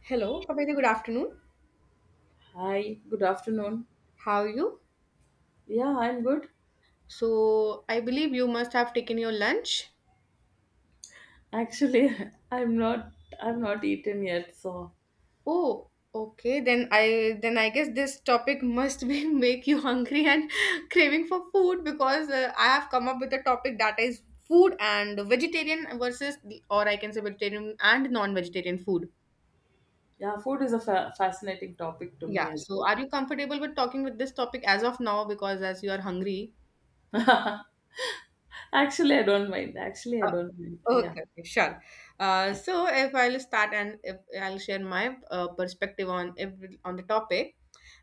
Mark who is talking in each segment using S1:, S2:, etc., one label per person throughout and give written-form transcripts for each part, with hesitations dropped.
S1: Hello, a very good afternoon.
S2: Hi, good afternoon.
S1: How are you?
S2: Yeah, I'm good.
S1: So, I believe you must have taken your lunch.
S2: Actually, I'm not I'm not eaten yet, so
S1: Oh, okay. Then I guess this topic must be make you hungry and craving for food because I have come up with a topic that is food and vegetarian versus or I can say vegetarian and non-vegetarian food.
S2: yeah, food is a fascinating topic to me
S1: Yeah.
S2: as well.
S1: So, are you comfortable with talking with this topic as of now because as you are hungry?
S2: Actually, I don't mind. Actually, I don't mind. Yeah.
S1: Okay, okay, sure. So if I'll start and if I'll share my perspective on if, on the topic,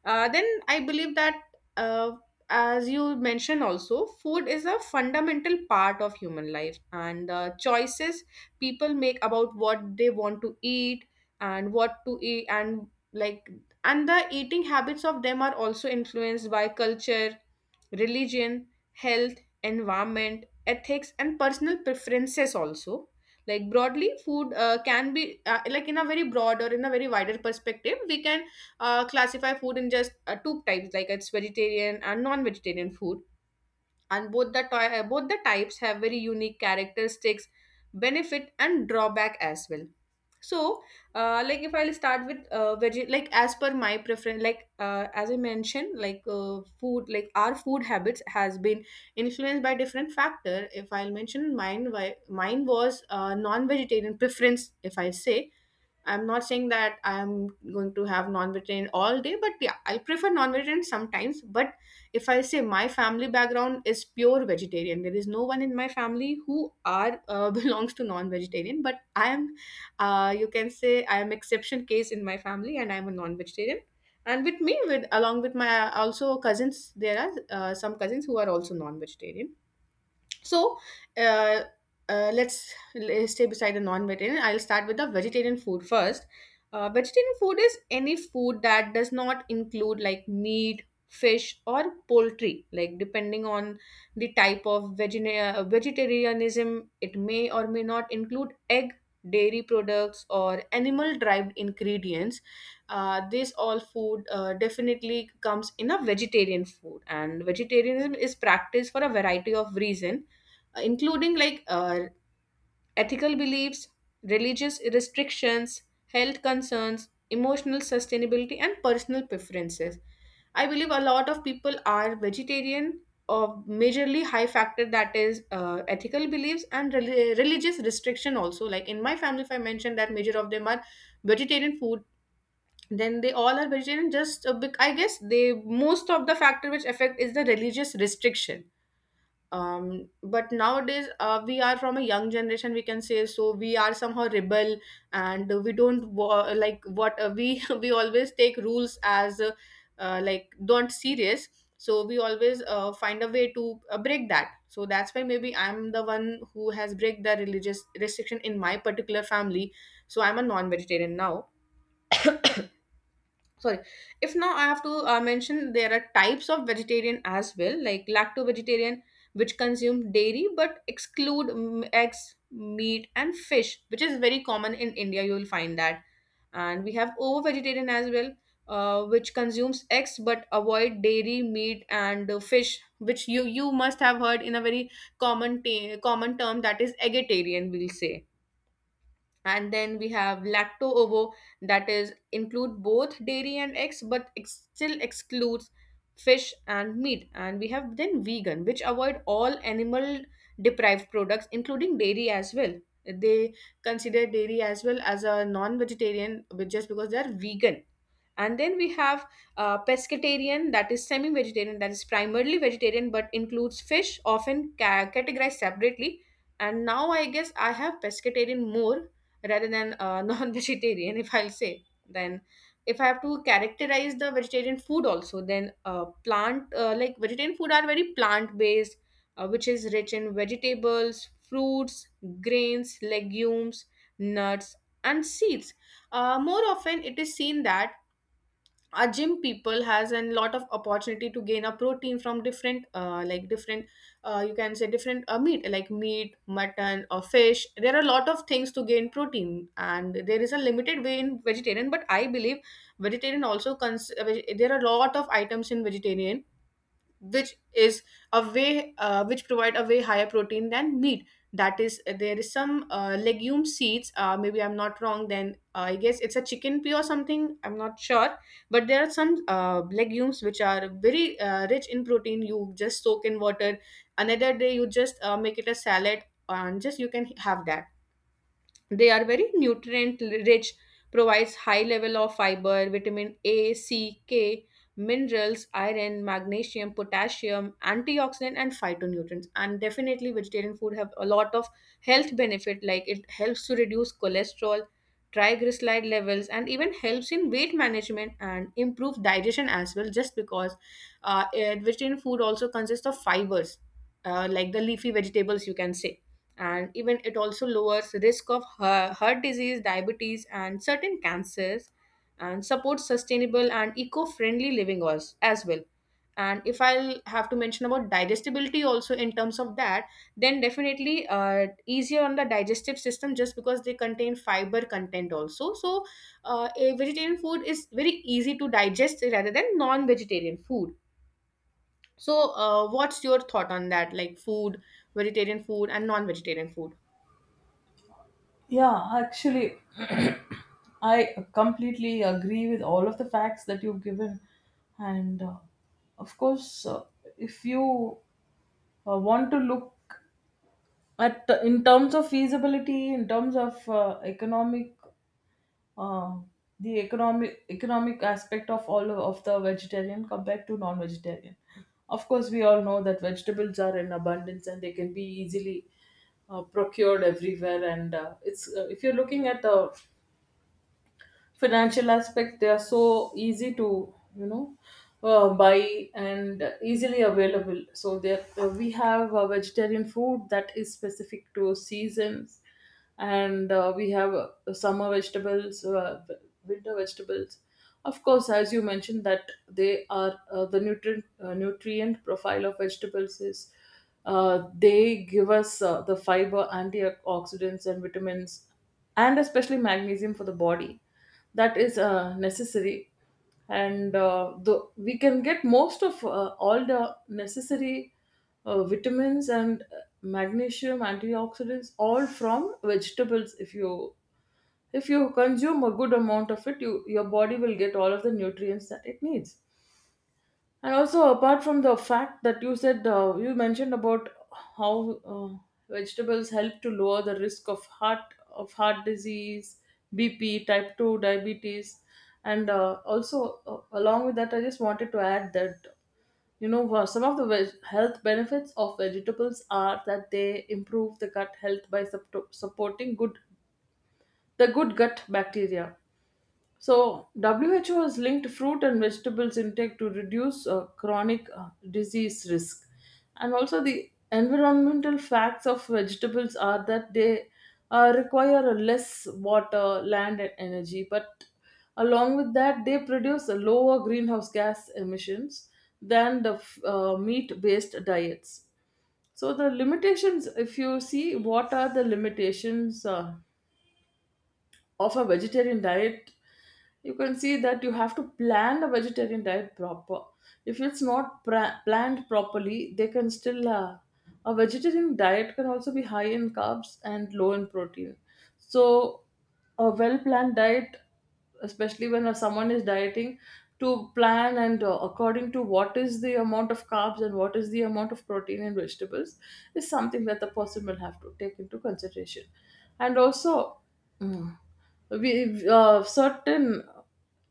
S1: then I believe that uh, as you mentioned also, food is a fundamental part of human life, and the choices people make about what they want to eat and what to eat, and like, and the eating habits of them are also influenced by culture, religion, health, environment, ethics and personal preferences also. Like broadly, food can be, like in a very broad or in a very wider perspective, we can classify food in just two types, like it's vegetarian and non-vegetarian food. And both the types have very unique characteristics, benefit and drawback as well. So like, if I'll start with veg, like as per my preference, like as I mentioned, like food, like our food habits has been influenced by different factor. If I'll mention mine, why mine was non vegetarian preference, if I say, I'm not saying that I'm going to have non-vegetarian all day, but yeah, I prefer non-vegetarian sometimes. But if I say my family background is pure vegetarian, there is no one in my family who are belongs to non-vegetarian. But I am, you can say, I am exception case in my family, and I'm a non-vegetarian. And with me, with along with my also cousins, there are some cousins who are also non-vegetarian. So, uh, let's, l stay beside the non-vegetarian. I'll start with the vegetarian food first. Vegetarian food is any food that does not include like meat, fish, or poultry. Like depending on the type of vegetarianism, it may or may not include egg, dairy products, or animal-derived ingredients. This all food definitely comes in a vegetarian food, and vegetarianism is practiced for a variety of reasons, including like ethical beliefs, religious restrictions, health concerns, emotional sustainability, and personal preferences. I believe a lot of people are vegetarian, or majorly high factor that is ethical beliefs and religious restriction also. Like in my family, if I mentioned that major of them are vegetarian food, then they all are vegetarian just I guess they most of the factor which affect is the religious restriction. But nowadays, we are from a young generation, we can say, so we are somehow rebel, and we don't like what, we we always take rules as like don't serious. So we always find a way to break that. So that's why maybe I'm the one who has break the religious restriction in my particular family. So I'm a non-vegetarian now. Sorry. If now I have to mention, there are types of vegetarian as well, like lacto vegetarian, which consume dairy but exclude eggs, meat and fish, which is very common in India. You will find that. And we have ovo vegetarian as well, which consumes eggs but avoid dairy, meat and fish, which you must have heard in a very common term, that is eggetarian, we'll say. And then we have lacto ovo, that is include both dairy and eggs but still excludes fish and meat. And we have then vegan, which avoid all animal deprived products, including dairy as well. They consider dairy as well as a non-vegetarian, but just because they are vegan. And then we have pescatarian, that is semi-vegetarian, that is primarily vegetarian but includes fish, often categorized separately. And now I guess I have pescatarian more rather than non-vegetarian, if I'll say. Then if I have to characterize the vegetarian food also, then plant like vegetarian food are very plant based, which is rich in vegetables, fruits, grains, legumes, nuts and seeds. More often it is seen that a gym people has a lot of opportunity to gain a protein from different, like different, you can say different, meat, like meat, mutton or fish. There are a lot of things to gain protein, and there is a limited way in vegetarian. But I believe vegetarian also there are a lot of items in vegetarian which is a way, which provide a way higher protein than meat. That is, there is some legume seeds, maybe I'm not wrong, then I guess it's a chicken pea or something, I'm not sure. But there are some legumes which are very rich in protein. You just soak in water, another day you just make it a salad, and just you can have that. They are very nutrient rich, provides high level of fiber, vitamin A, C, K, minerals, iron, magnesium, potassium, antioxidant and phytonutrients. And definitely vegetarian food have a lot of health benefit, like it helps to reduce cholesterol, triglyceride levels, and even helps in weight management and improves digestion as well, just because vegetarian food also consists of fibers, like the leafy vegetables, you can say. And even it also lowers risk of heart disease, diabetes and certain cancers, and supports sustainable and eco-friendly living as well. And if I'll have to mention about digestibility also in terms of that, then definitely easier on the digestive system, just because they contain fiber content also. So a vegetarian food is very easy to digest rather than non-vegetarian food. So what's your thought on that, like food, vegetarian food and non-vegetarian food?
S2: Yeah, actually, I completely agree with all of the facts that you've given. And of course, if you want to look at in terms of feasibility, in terms of economic uh, the economic aspect of all of the vegetarian compared to non-vegetarian. Of course, we all know that vegetables are in abundance and they can be easily procured everywhere. And it's if you're looking at the financial aspect, they are so easy to buy and easily available, so there we have vegetarian food that is specific to seasons, and we have summer vegetables, winter vegetables. Of course, as you mentioned, that they are the nutrient profile of vegetables is, they give us the fiber, antioxidants, and vitamins, and especially magnesium for the body, that is necessary. And we can get most of all the necessary vitamins and magnesium, antioxidants, all from vegetables. If you consume a good amount of it, your body will get all of the nutrients that it needs. And also, apart from the fact that you mentioned about how vegetables help to lower the risk of heart disease, BP, type two diabetes, and also, along with that, I just wanted to add that some of the health benefits of vegetables are that they improve the gut health by supporting good the good gut bacteria. So, WHO has linked fruit and vegetables intake to reduce chronic disease risk. And also, the environmental facts of vegetables are that they require a less water, land, and energy. But along with that, they produce a lower greenhouse gas emissions than the meat based diets. So, the limitations, if you see, what are the limitations? Of a vegetarian diet, you can see that you have to plan the vegetarian diet proper. If it's not planned properly, they can still a vegetarian diet can also be high in carbs and low in protein. So a well planned diet, especially when someone is dieting, to plan, and according to what is the amount of carbs and what is the amount of protein and vegetables, is something that the person will have to take into consideration. And also, mm, we certain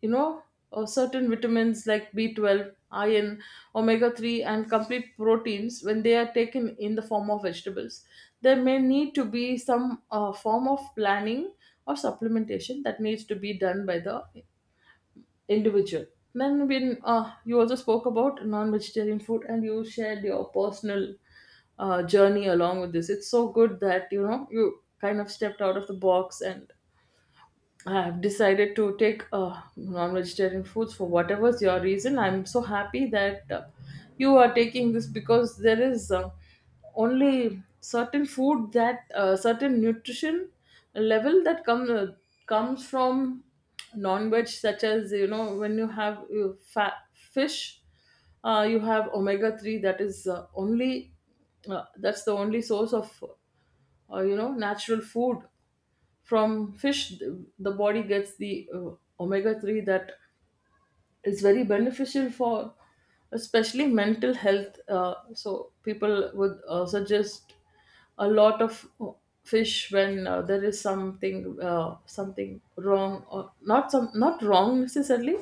S2: you know certain vitamins like B12, iron, omega 3, and complete proteins, when they are taken in the form of vegetables, there may need to be some form of planning or supplementation that needs to be done by the individual. Then when you also spoke about non-vegetarian food and you shared your personal journey along with this, it's so good that you know you kind of stepped out of the box, and I've decided to take non-vegetarian foods for whatever's your reason. I'm so happy that you are taking this, because there is only certain food that certain nutrition level that comes from non-veg, such as when you have fat fish, you have omega three that's the only source of natural food from fish. Th- the body gets the omega 3 that is very beneficial for, especially, mental health. So, people would suggest a lot of fish when there is something wrong, or not some not wrong necessarily,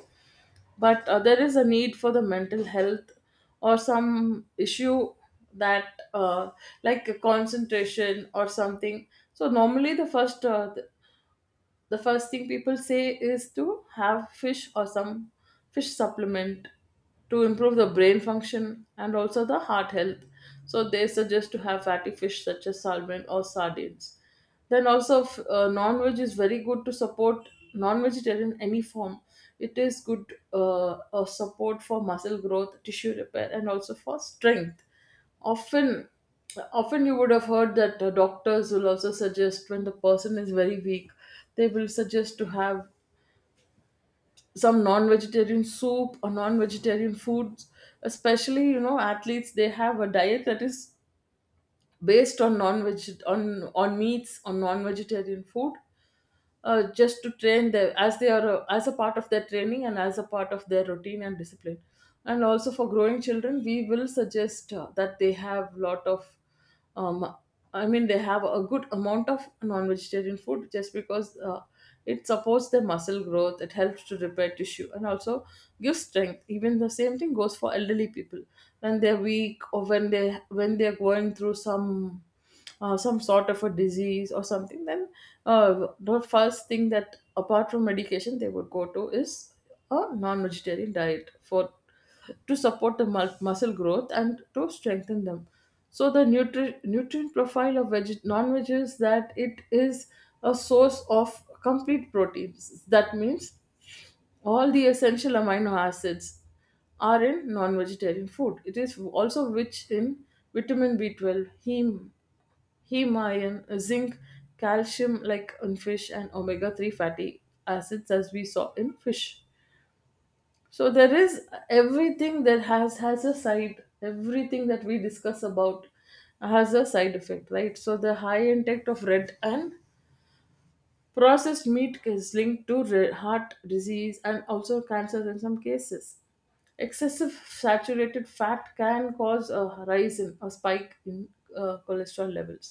S2: but there is a need for the mental health or some issue that like a concentration or something. So normally the first thing people say is to have fish or some fish supplement to improve the brain function and also the heart health. So they suggest to have fatty fish such as salmon or sardines. Then also, non-veg is very good to support non-vegetarian, any form. It is good, a support for muscle growth, tissue repair, and also for strength. Often often you would have heard that doctors will also suggest, when the person is very weak, they will suggest to have some non-vegetarian soup or non-vegetarian foods. Especially, you know, athletes, they have a diet that is based on non-veg, on meats, on non-vegetarian food, just to train them as they are as a part of their training and as a part of their routine and discipline. And also, for growing children, we will suggest that they have lot of um, I mean, they have a good amount of non-vegetarian food, just because it supports their muscle growth, it helps to repair tissue, and also gives strength. Even the same thing goes for elderly people when they're weak, or when they're going through some sort of a disease or something, then the first thing that, apart from medication, they would go to is a non-vegetarian diet for, to support the muscle growth and to strengthen them. So the nutrient profile of non-veg is that it is a source of complete proteins. That means all the essential amino acids are in non-vegetarian food. It is also rich in vitamin B12, heme iron, zinc, calcium, like in fish, and omega-3 fatty acids, as we saw in fish. So there is everything that we discuss about has a side effect, right? So the high intake of red and processed meat is linked to heart disease and also cancers in some cases. Excessive saturated fat can cause a spike in cholesterol levels.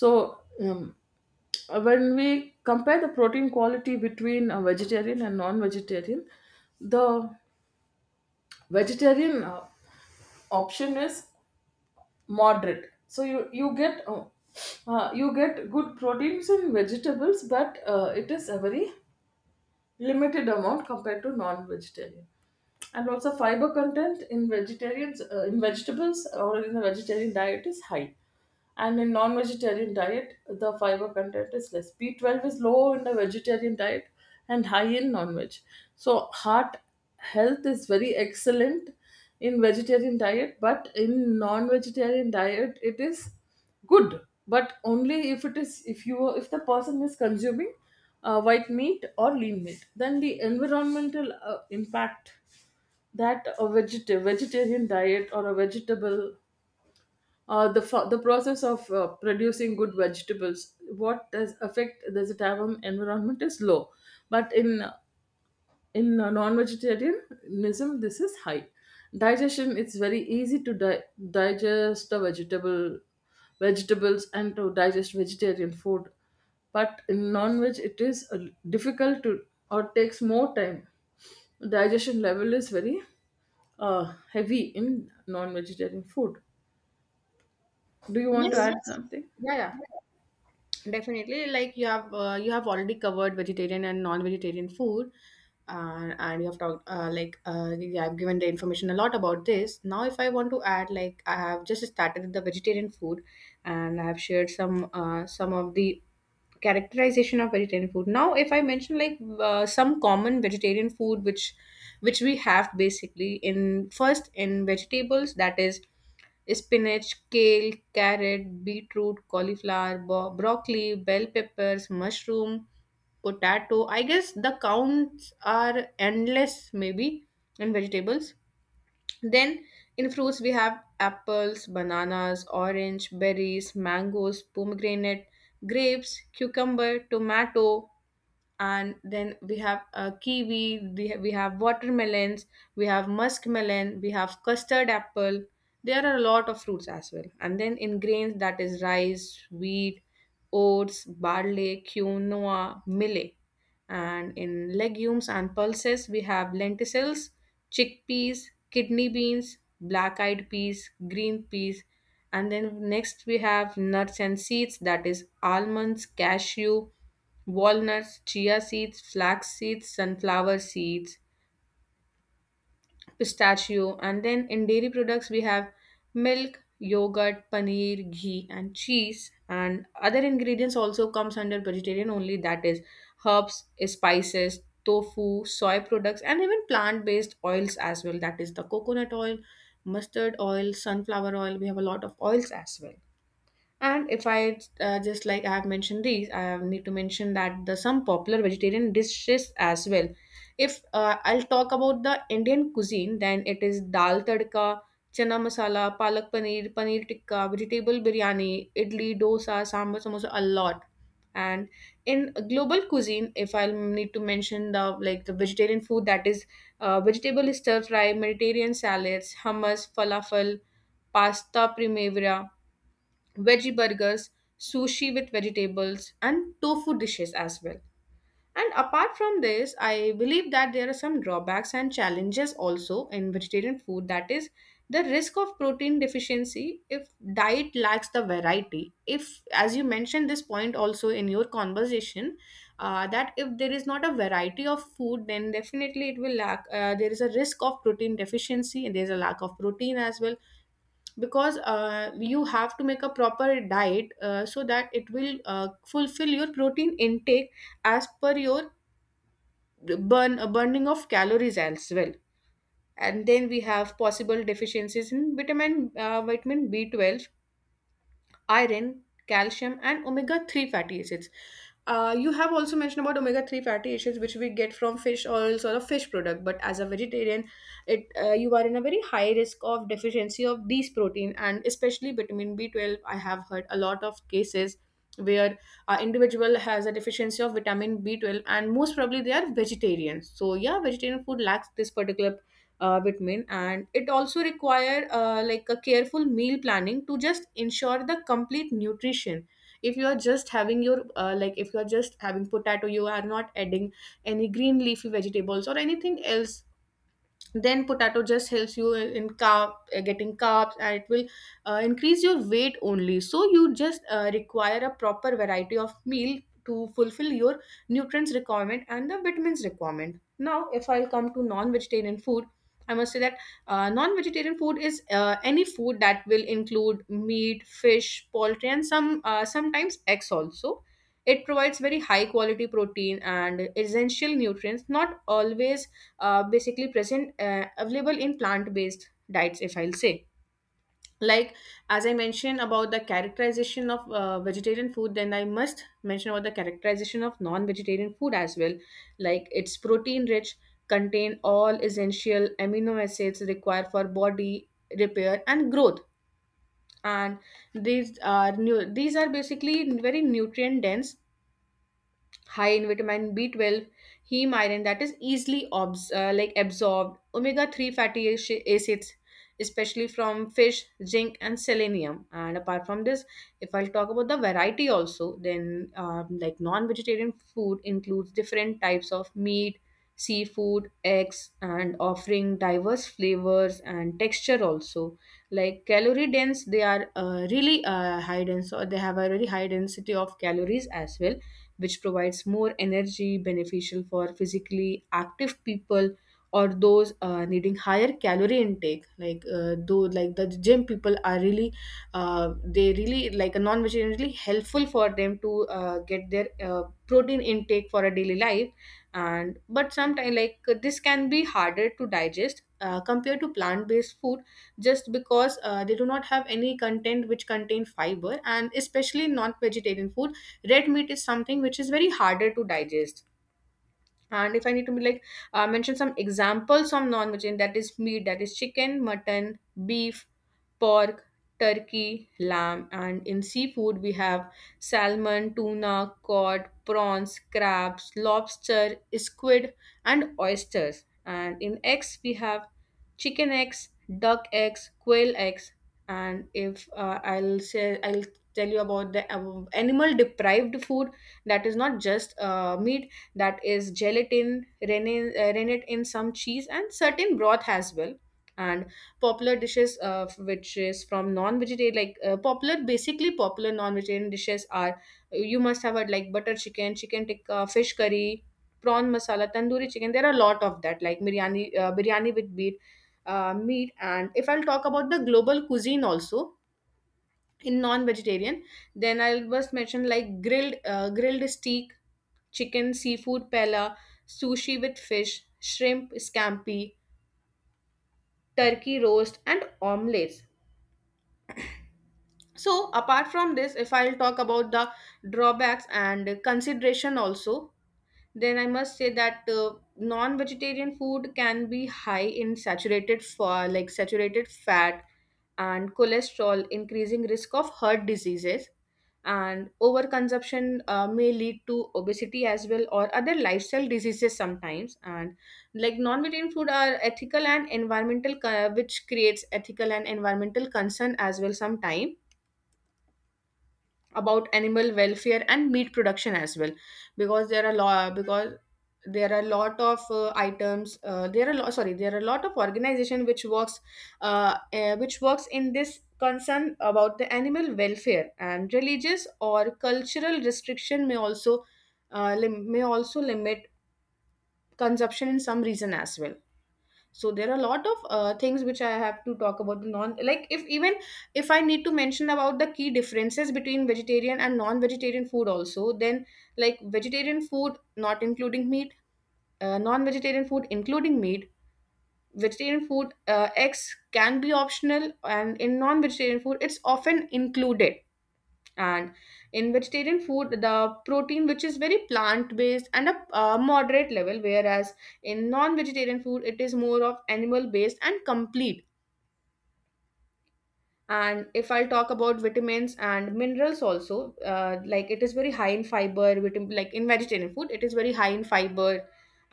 S2: So, when we compare the protein quality between a vegetarian and non-vegetarian, the vegetarian option is moderate, so you get good proteins in vegetables, but it is a very limited amount compared to non-vegetarian. And also, fiber content in vegetables, or in the vegetarian diet, is high, and in non-vegetarian diet the fiber content is less. B12 is low in the vegetarian diet and high in non-veg. So heart health is very excellent in vegetarian diet, but in non-vegetarian diet it is good, but only if it is if you if the person is consuming white meat or lean meat. Then the environmental impact, that a vegetarian diet, or a vegetable the the process of producing good vegetables, what does affect the it environment, is low. But in non-vegetarianism, this is high. Digestion, it's very easy to digest a vegetable vegetables, and to digest vegetarian food, but in non-veg it is difficult to, or takes more time. Digestion level is very heavy in non-vegetarian food. Do you want to
S1: Yes.
S2: add, yes, something?
S1: Yeah, yeah. Definitely. Like you have already covered vegetarian and non-vegetarian food, and you have talked like, yeah, I've given the information a lot about this. Now, if I want to add, like I have just started the vegetarian food, and I have shared some of the characterization of vegetarian food. Now if I mention, like some common vegetarian food, which we have basically in first, in vegetables, that is spinach, kale, carrot, beetroot, cauliflower, broccoli, bell peppers, mushroom, potato. I guess the counts are endless maybe, in vegetables. Then in fruits we have apples, bananas, orange, berries, mangoes, pomegranate, grapes, cucumber, tomato, and then we have kiwi, we have watermelons, we have muskmelon, we have custard apple. There are a lot of fruits as well. And then in grains, that is rice, wheat, oats, barley, quinoa, millet. And in legumes and pulses we have lentils, chickpeas, kidney beans, black eyed peas, green peas. And then next we have nuts and seeds, that is almonds, cashew, walnuts, chia seeds, flax seeds, sunflower seeds, pistachio. And then in dairy products we have milk, yogurt, paneer, ghee, and cheese. And other ingredients also comes under vegetarian only. That is herbs, spices, tofu, soy products, and even plant-based oils as well. That is the coconut oil, mustard oil, sunflower oil. We have a lot of oils as well. And if I just like I have mentioned these, need to mention that the some popular vegetarian dishes as well. If I'll talk about the Indian cuisine, then it is dal tadka, chana masala, palak paneer, paneer tikka, vegetable biryani, idli, dosa, sambar, samosa, a lot. And in global cuisine, if I'll need to mention the, like the vegetarian food, that is vegetable stir fry, Mediterranean salads, hummus, falafel, pasta primavera, veggie burgers, sushi with vegetables, and tofu dishes as well. And apart from this, I believe that there are some drawbacks and challenges also in vegetarian food. That is the risk of protein deficiency if diet lacks the variety. If, as you mentioned this point also in your conversation, that if there is not a variety of food, then definitely it will lack. There is a risk of protein deficiency and there is a lack of protein as well, because you have to make a proper diet so that it will fulfill your protein intake as per your burning of calories as well. And then we have possible deficiencies in vitamin B12, iron, calcium, and omega 3 fatty acids. You have also mentioned about omega 3 fatty acids, which we get from fish oils or a fish product. But as a vegetarian, it you are in a very high risk of deficiency of these protein, and especially vitamin B12. I have heard a lot of cases where an individual has a deficiency of vitamin B12, and most probably they are vegetarians. So yeah, vegetarian food lacks this particular vitamin, and it also require like a careful meal planning to just ensure the complete nutrition. If you are just having your like if you are just having potato, you are not adding any green leafy vegetables or anything else, then potato just helps you in carb getting carbs, and it will increase your weight only. So you just require a proper variety of meal to fulfill your nutrients requirement and the vitamins requirement. Now if I'll come to non-vegetarian food, I must say that non-vegetarian food is any food that will include meat, fish, poultry, and some sometimes eggs also. It provides very high quality protein and essential nutrients not always basically present available in plant-based diets. If I'll say, like, as I mentioned about the characterization of vegetarian food, then I must mention about the characterization of non-vegetarian food as well. Like, it's protein rich, contain all essential amino acids required for body repair and growth, and these are new, these are basically very nutrient dense, high in vitamin B12, heme iron that is easily like absorbed, omega 3 fatty acids especially from fish, zinc and selenium. And apart from this, if I'll talk about the variety also, then like non-vegetarian food includes different types of meat, seafood, eggs, and offering diverse flavors and texture also. Like calorie dense, they are really high dense, or they have a really high density of calories as well, which provides more energy beneficial for physically active people or those needing higher calorie intake, like though like the gym people are really they really like a non-vegetarian really helpful for them to get their protein intake for a daily life. And but sometimes like this can be harder to digest compared to plant-based food, just because they do not have any content which contain fiber. And especially non-vegetarian food, red meat is something which is very harder to digest. And if I need to be like mention some examples of non-vegetarian, that is meat, that is chicken, mutton, beef, pork, turkey, lamb, and in seafood we have salmon, tuna, cod, prawns, crabs, lobster, squid, and oysters, and in eggs we have chicken eggs, duck eggs, quail eggs. And if I'll say, I'll tell you about the animal deprived food, that is not just meat, that is gelatin, rennet, rennet in some cheese, and certain broth as well. And popular dishes, which is from non-vegetarian, like popular, basically popular non-vegetarian dishes are, you must have had like butter chicken, chicken tikka, fish curry, prawn masala, tandoori chicken. There are a lot of that, like biryani, biryani with meat, meat. And if I'll talk about the global cuisine also in non-vegetarian, then I'll just mention like grilled steak, chicken, seafood paella, sushi with fish, shrimp scampi, turkey roast, and omelets. So, apart from this, if I'll talk about the drawbacks and consideration also, then I must say that non-vegetarian food can be high in like saturated fat and cholesterol, increasing risk of heart diseases. And overconsumption may lead to obesity as well, or other lifestyle diseases sometimes. And like non-vegetarian food are ethical and environmental, which creates ethical and environmental concern as well sometimes, about animal welfare and meat production as well. Because there are a lot of items there are a lot of organization which works in this concern about the animal welfare. And religious or cultural restriction may also may also limit consumption in some reason as well. So there are a lot of things which I have to talk about the non, like, if even if I need to mention about the key differences between vegetarian and non-vegetarian food also, then like vegetarian food not including meat, non-vegetarian food including meat. Vegetarian food x can be optional, and in non-vegetarian food it's often included. And in vegetarian food, the protein which is very plant based and a moderate level, whereas in non vegetarian food it is more of animal based and complete. And if I'll talk about vitamins and minerals also, like it is very high in fiber vitamin, like in vegetarian food it is very high in fiber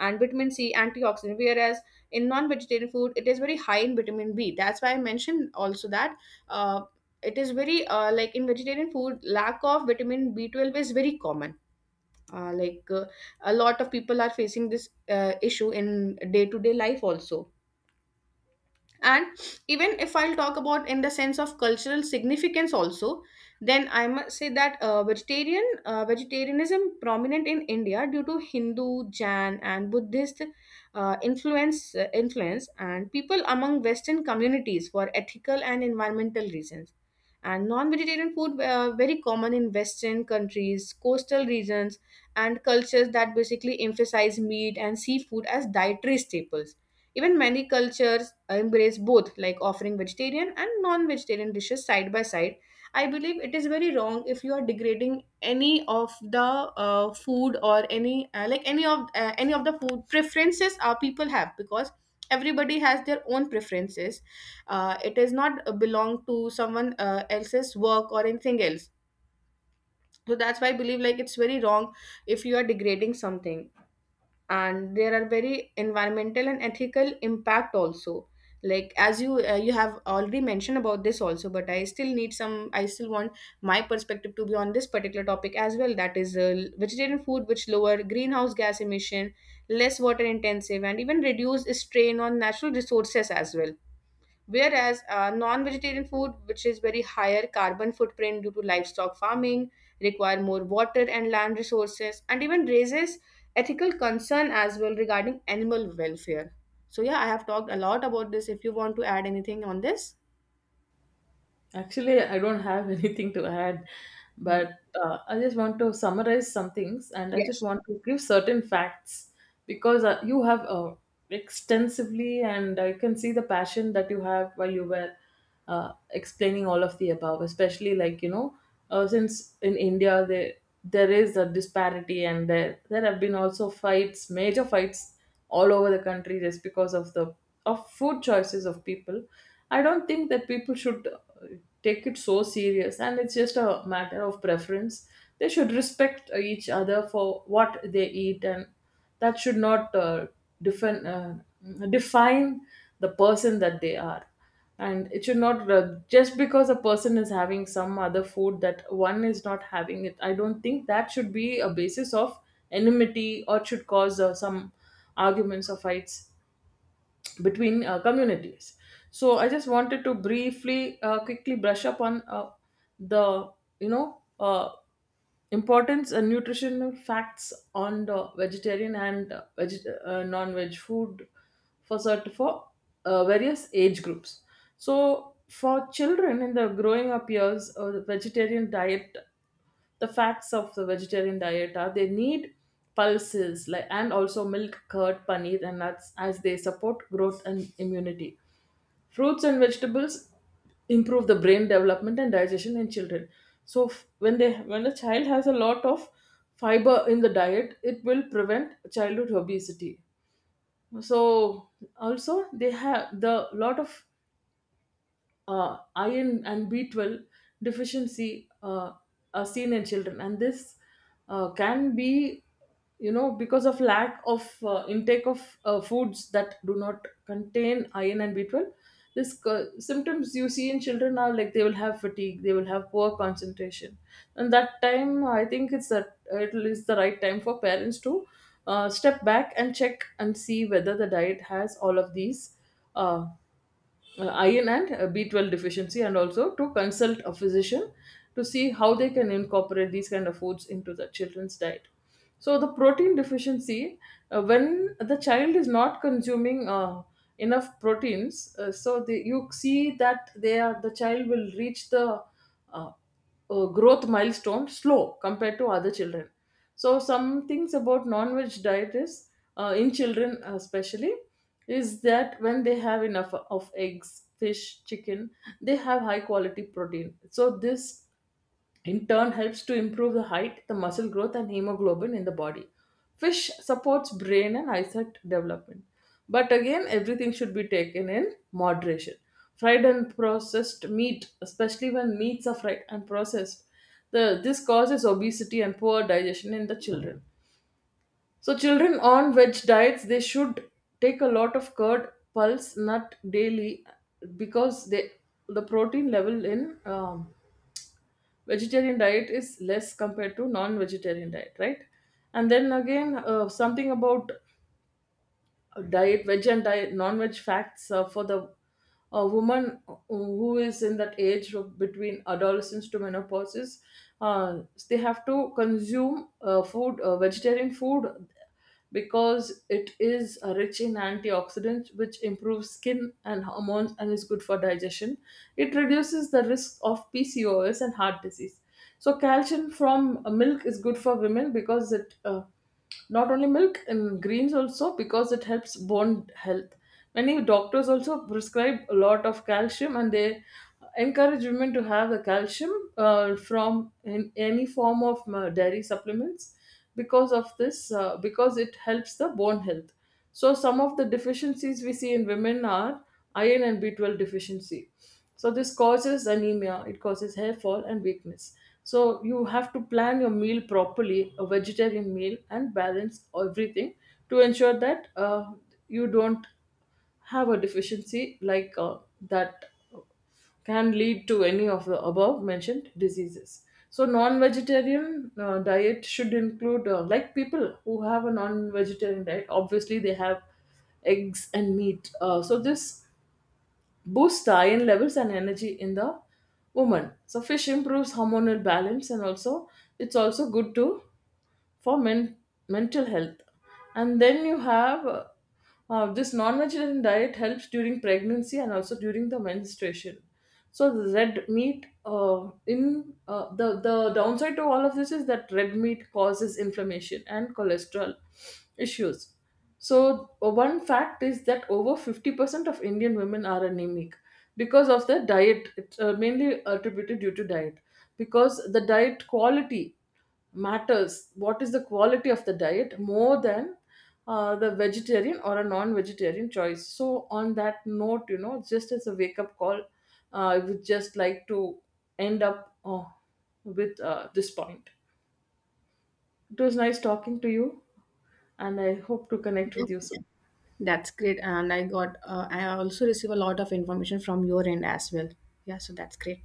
S1: and vitamin c antioxidant, whereas in non-vegetarian food it is very high in vitamin b. That's why I mentioned also that uh, it is very like in vegetarian food, lack of vitamin B12 is very common. uh, like uh, a lot of people are facing this issue in day to day life also. And even if I'll talk about in the sense of cultural significance also, then I must say that vegetarianism prominent in India due to Hindu, Jain and Buddhist influence, and people among western communities for ethical and environmental reasons. And non-vegetarian food very common in western countries, coastal regions, and cultures that basically emphasize meat and seafood as dietary staples. Even many cultures embrace both, like offering vegetarian and non vegetarian dishes side by side. I believe it is very wrong if you are degrading any of the food, or any any of the food preferences our people have, because everybody has their own preferences. It is not belong to someone else's work or anything else. So that's why I believe like it's very wrong if you are degrading something. And there are very environmental and ethical impact also, like as you have already mentioned about this also, but I still need some, I still want my perspective to be on this particular topic as well. That is vegetarian food which lower greenhouse gas emission, less water intensive, and even reduce strain on natural resources as well. Whereas non-vegetarian food, which is very higher carbon footprint due to livestock farming, require more water and land resources, and even raises ethical concern as well regarding animal welfare. So yeah, I have talked a lot about this. If you want to add anything on this,
S2: Actually, I don't have anything to add,
S1: yeah.
S2: but I just want to summarize some things, and I just
S1: Yes,
S2: want to give certain facts, because you have extensively, and I can see the passion that you have while you were explaining all of the above. Especially, like, you know, since in India, there is a disparity, and there have been also fights, major fights all over the country just because of the of food choices of people. I don't think that people should take it so serious, and it's just a matter of preference. They should respect each other for what they eat, and that should not, define, uh, define the person that they are. And it should not, just because a person is having some other food that one is not having it, I don't think that should be a basis of enmity, or should cause some arguments or fights between communities. So I just wanted to, briefly quickly brush up on the, you know uh, importance and nutritional facts on the vegetarian and non-veg food for various age groups. So for children, in the growing up years, the facts of the vegetarian diet are, they need pulses, like, and also milk, curd, paneer, and nuts, as they support growth and immunity. Fruits and vegetables improve the brain development and digestion in children. So, when they when a child has a lot of fiber in the diet, it will prevent childhood obesity. So also they have the lot of iron and B12 deficiency are seen in children, and this can be, because of lack of intake of foods that do not contain iron and B12. Symptoms you see in children are like they will have fatigue, they will have poor concentration, and that time I think it is the right time for parents to step back and check and see whether the diet has all of these. Uh, Iron and B12 deficiency, and also to consult a physician to see how they can incorporate these kind of foods into the children's diet. So the protein deficiency, when the child is not consuming enough proteins, so they, you see that they are the child will reach the uh, growth milestone slow compared to other children. So some things about non-veg diet is in children especially is that when they have enough of eggs, fish, chicken, they have high quality protein. So this in turn helps to improve the height, the muscle growth, and hemoglobin in the body. Fish supports brain and eyesight development. But again, everything should be taken in moderation. Fried and processed meat, especially when meats are fried and processed, this causes obesity and poor digestion in the children. So, children on veg diets, they should take a lot of curd, pulse, nut daily because they, the protein level in vegetarian diet is less compared to non-vegetarian diet, right? And then again, something about diet veg and diet non-veg facts for the a woman who is in that age of between adolescence to menopause is, uh, they have to consume food, vegetarian food, because it is rich in antioxidants which improves skin and hormones and is good for digestion. It reduces the risk of pcos and heart disease. So calcium from milk is good for women because it not only milk and greens also, because it helps bone health. Many doctors also prescribe a lot of calcium, and they encourage women to have the calcium from in any form of dairy supplements because of this because it helps the bone health. So some of the deficiencies we see in women are iron and B12 deficiency. So this causes anemia, it causes hair fall and weakness. So you have to plan your meal properly, a vegetarian meal, and balance everything to ensure that you don't have a deficiency like that can lead to any of the above mentioned diseases. So, non vegetarian diet should include, like people who have a non vegetarian diet, obviously they have eggs and meat. So, this boosts the iron levels and energy in the woman. So, fish improves hormonal balance, and also it's also good to for mental health. And then you have this non-vegetarian diet helps during pregnancy and also during the menstruation. So the red meat in the downside to all of this is that red meat causes inflammation and cholesterol issues. So one fact is that over 50% of Indian women are anemic because of the diet. It's mainly attributed due to diet because the diet quality matters. What is the quality of the diet more than the vegetarian or a non-vegetarian choice? So on that note, you know, just as a wake-up call, I would just like to end up with this point. It was nice talking to you, and I hope to connect
S1: yeah.
S2: with you soon.
S1: That's great. And I got, I also receive a lot of information from your end as well. Yeah, so that's great.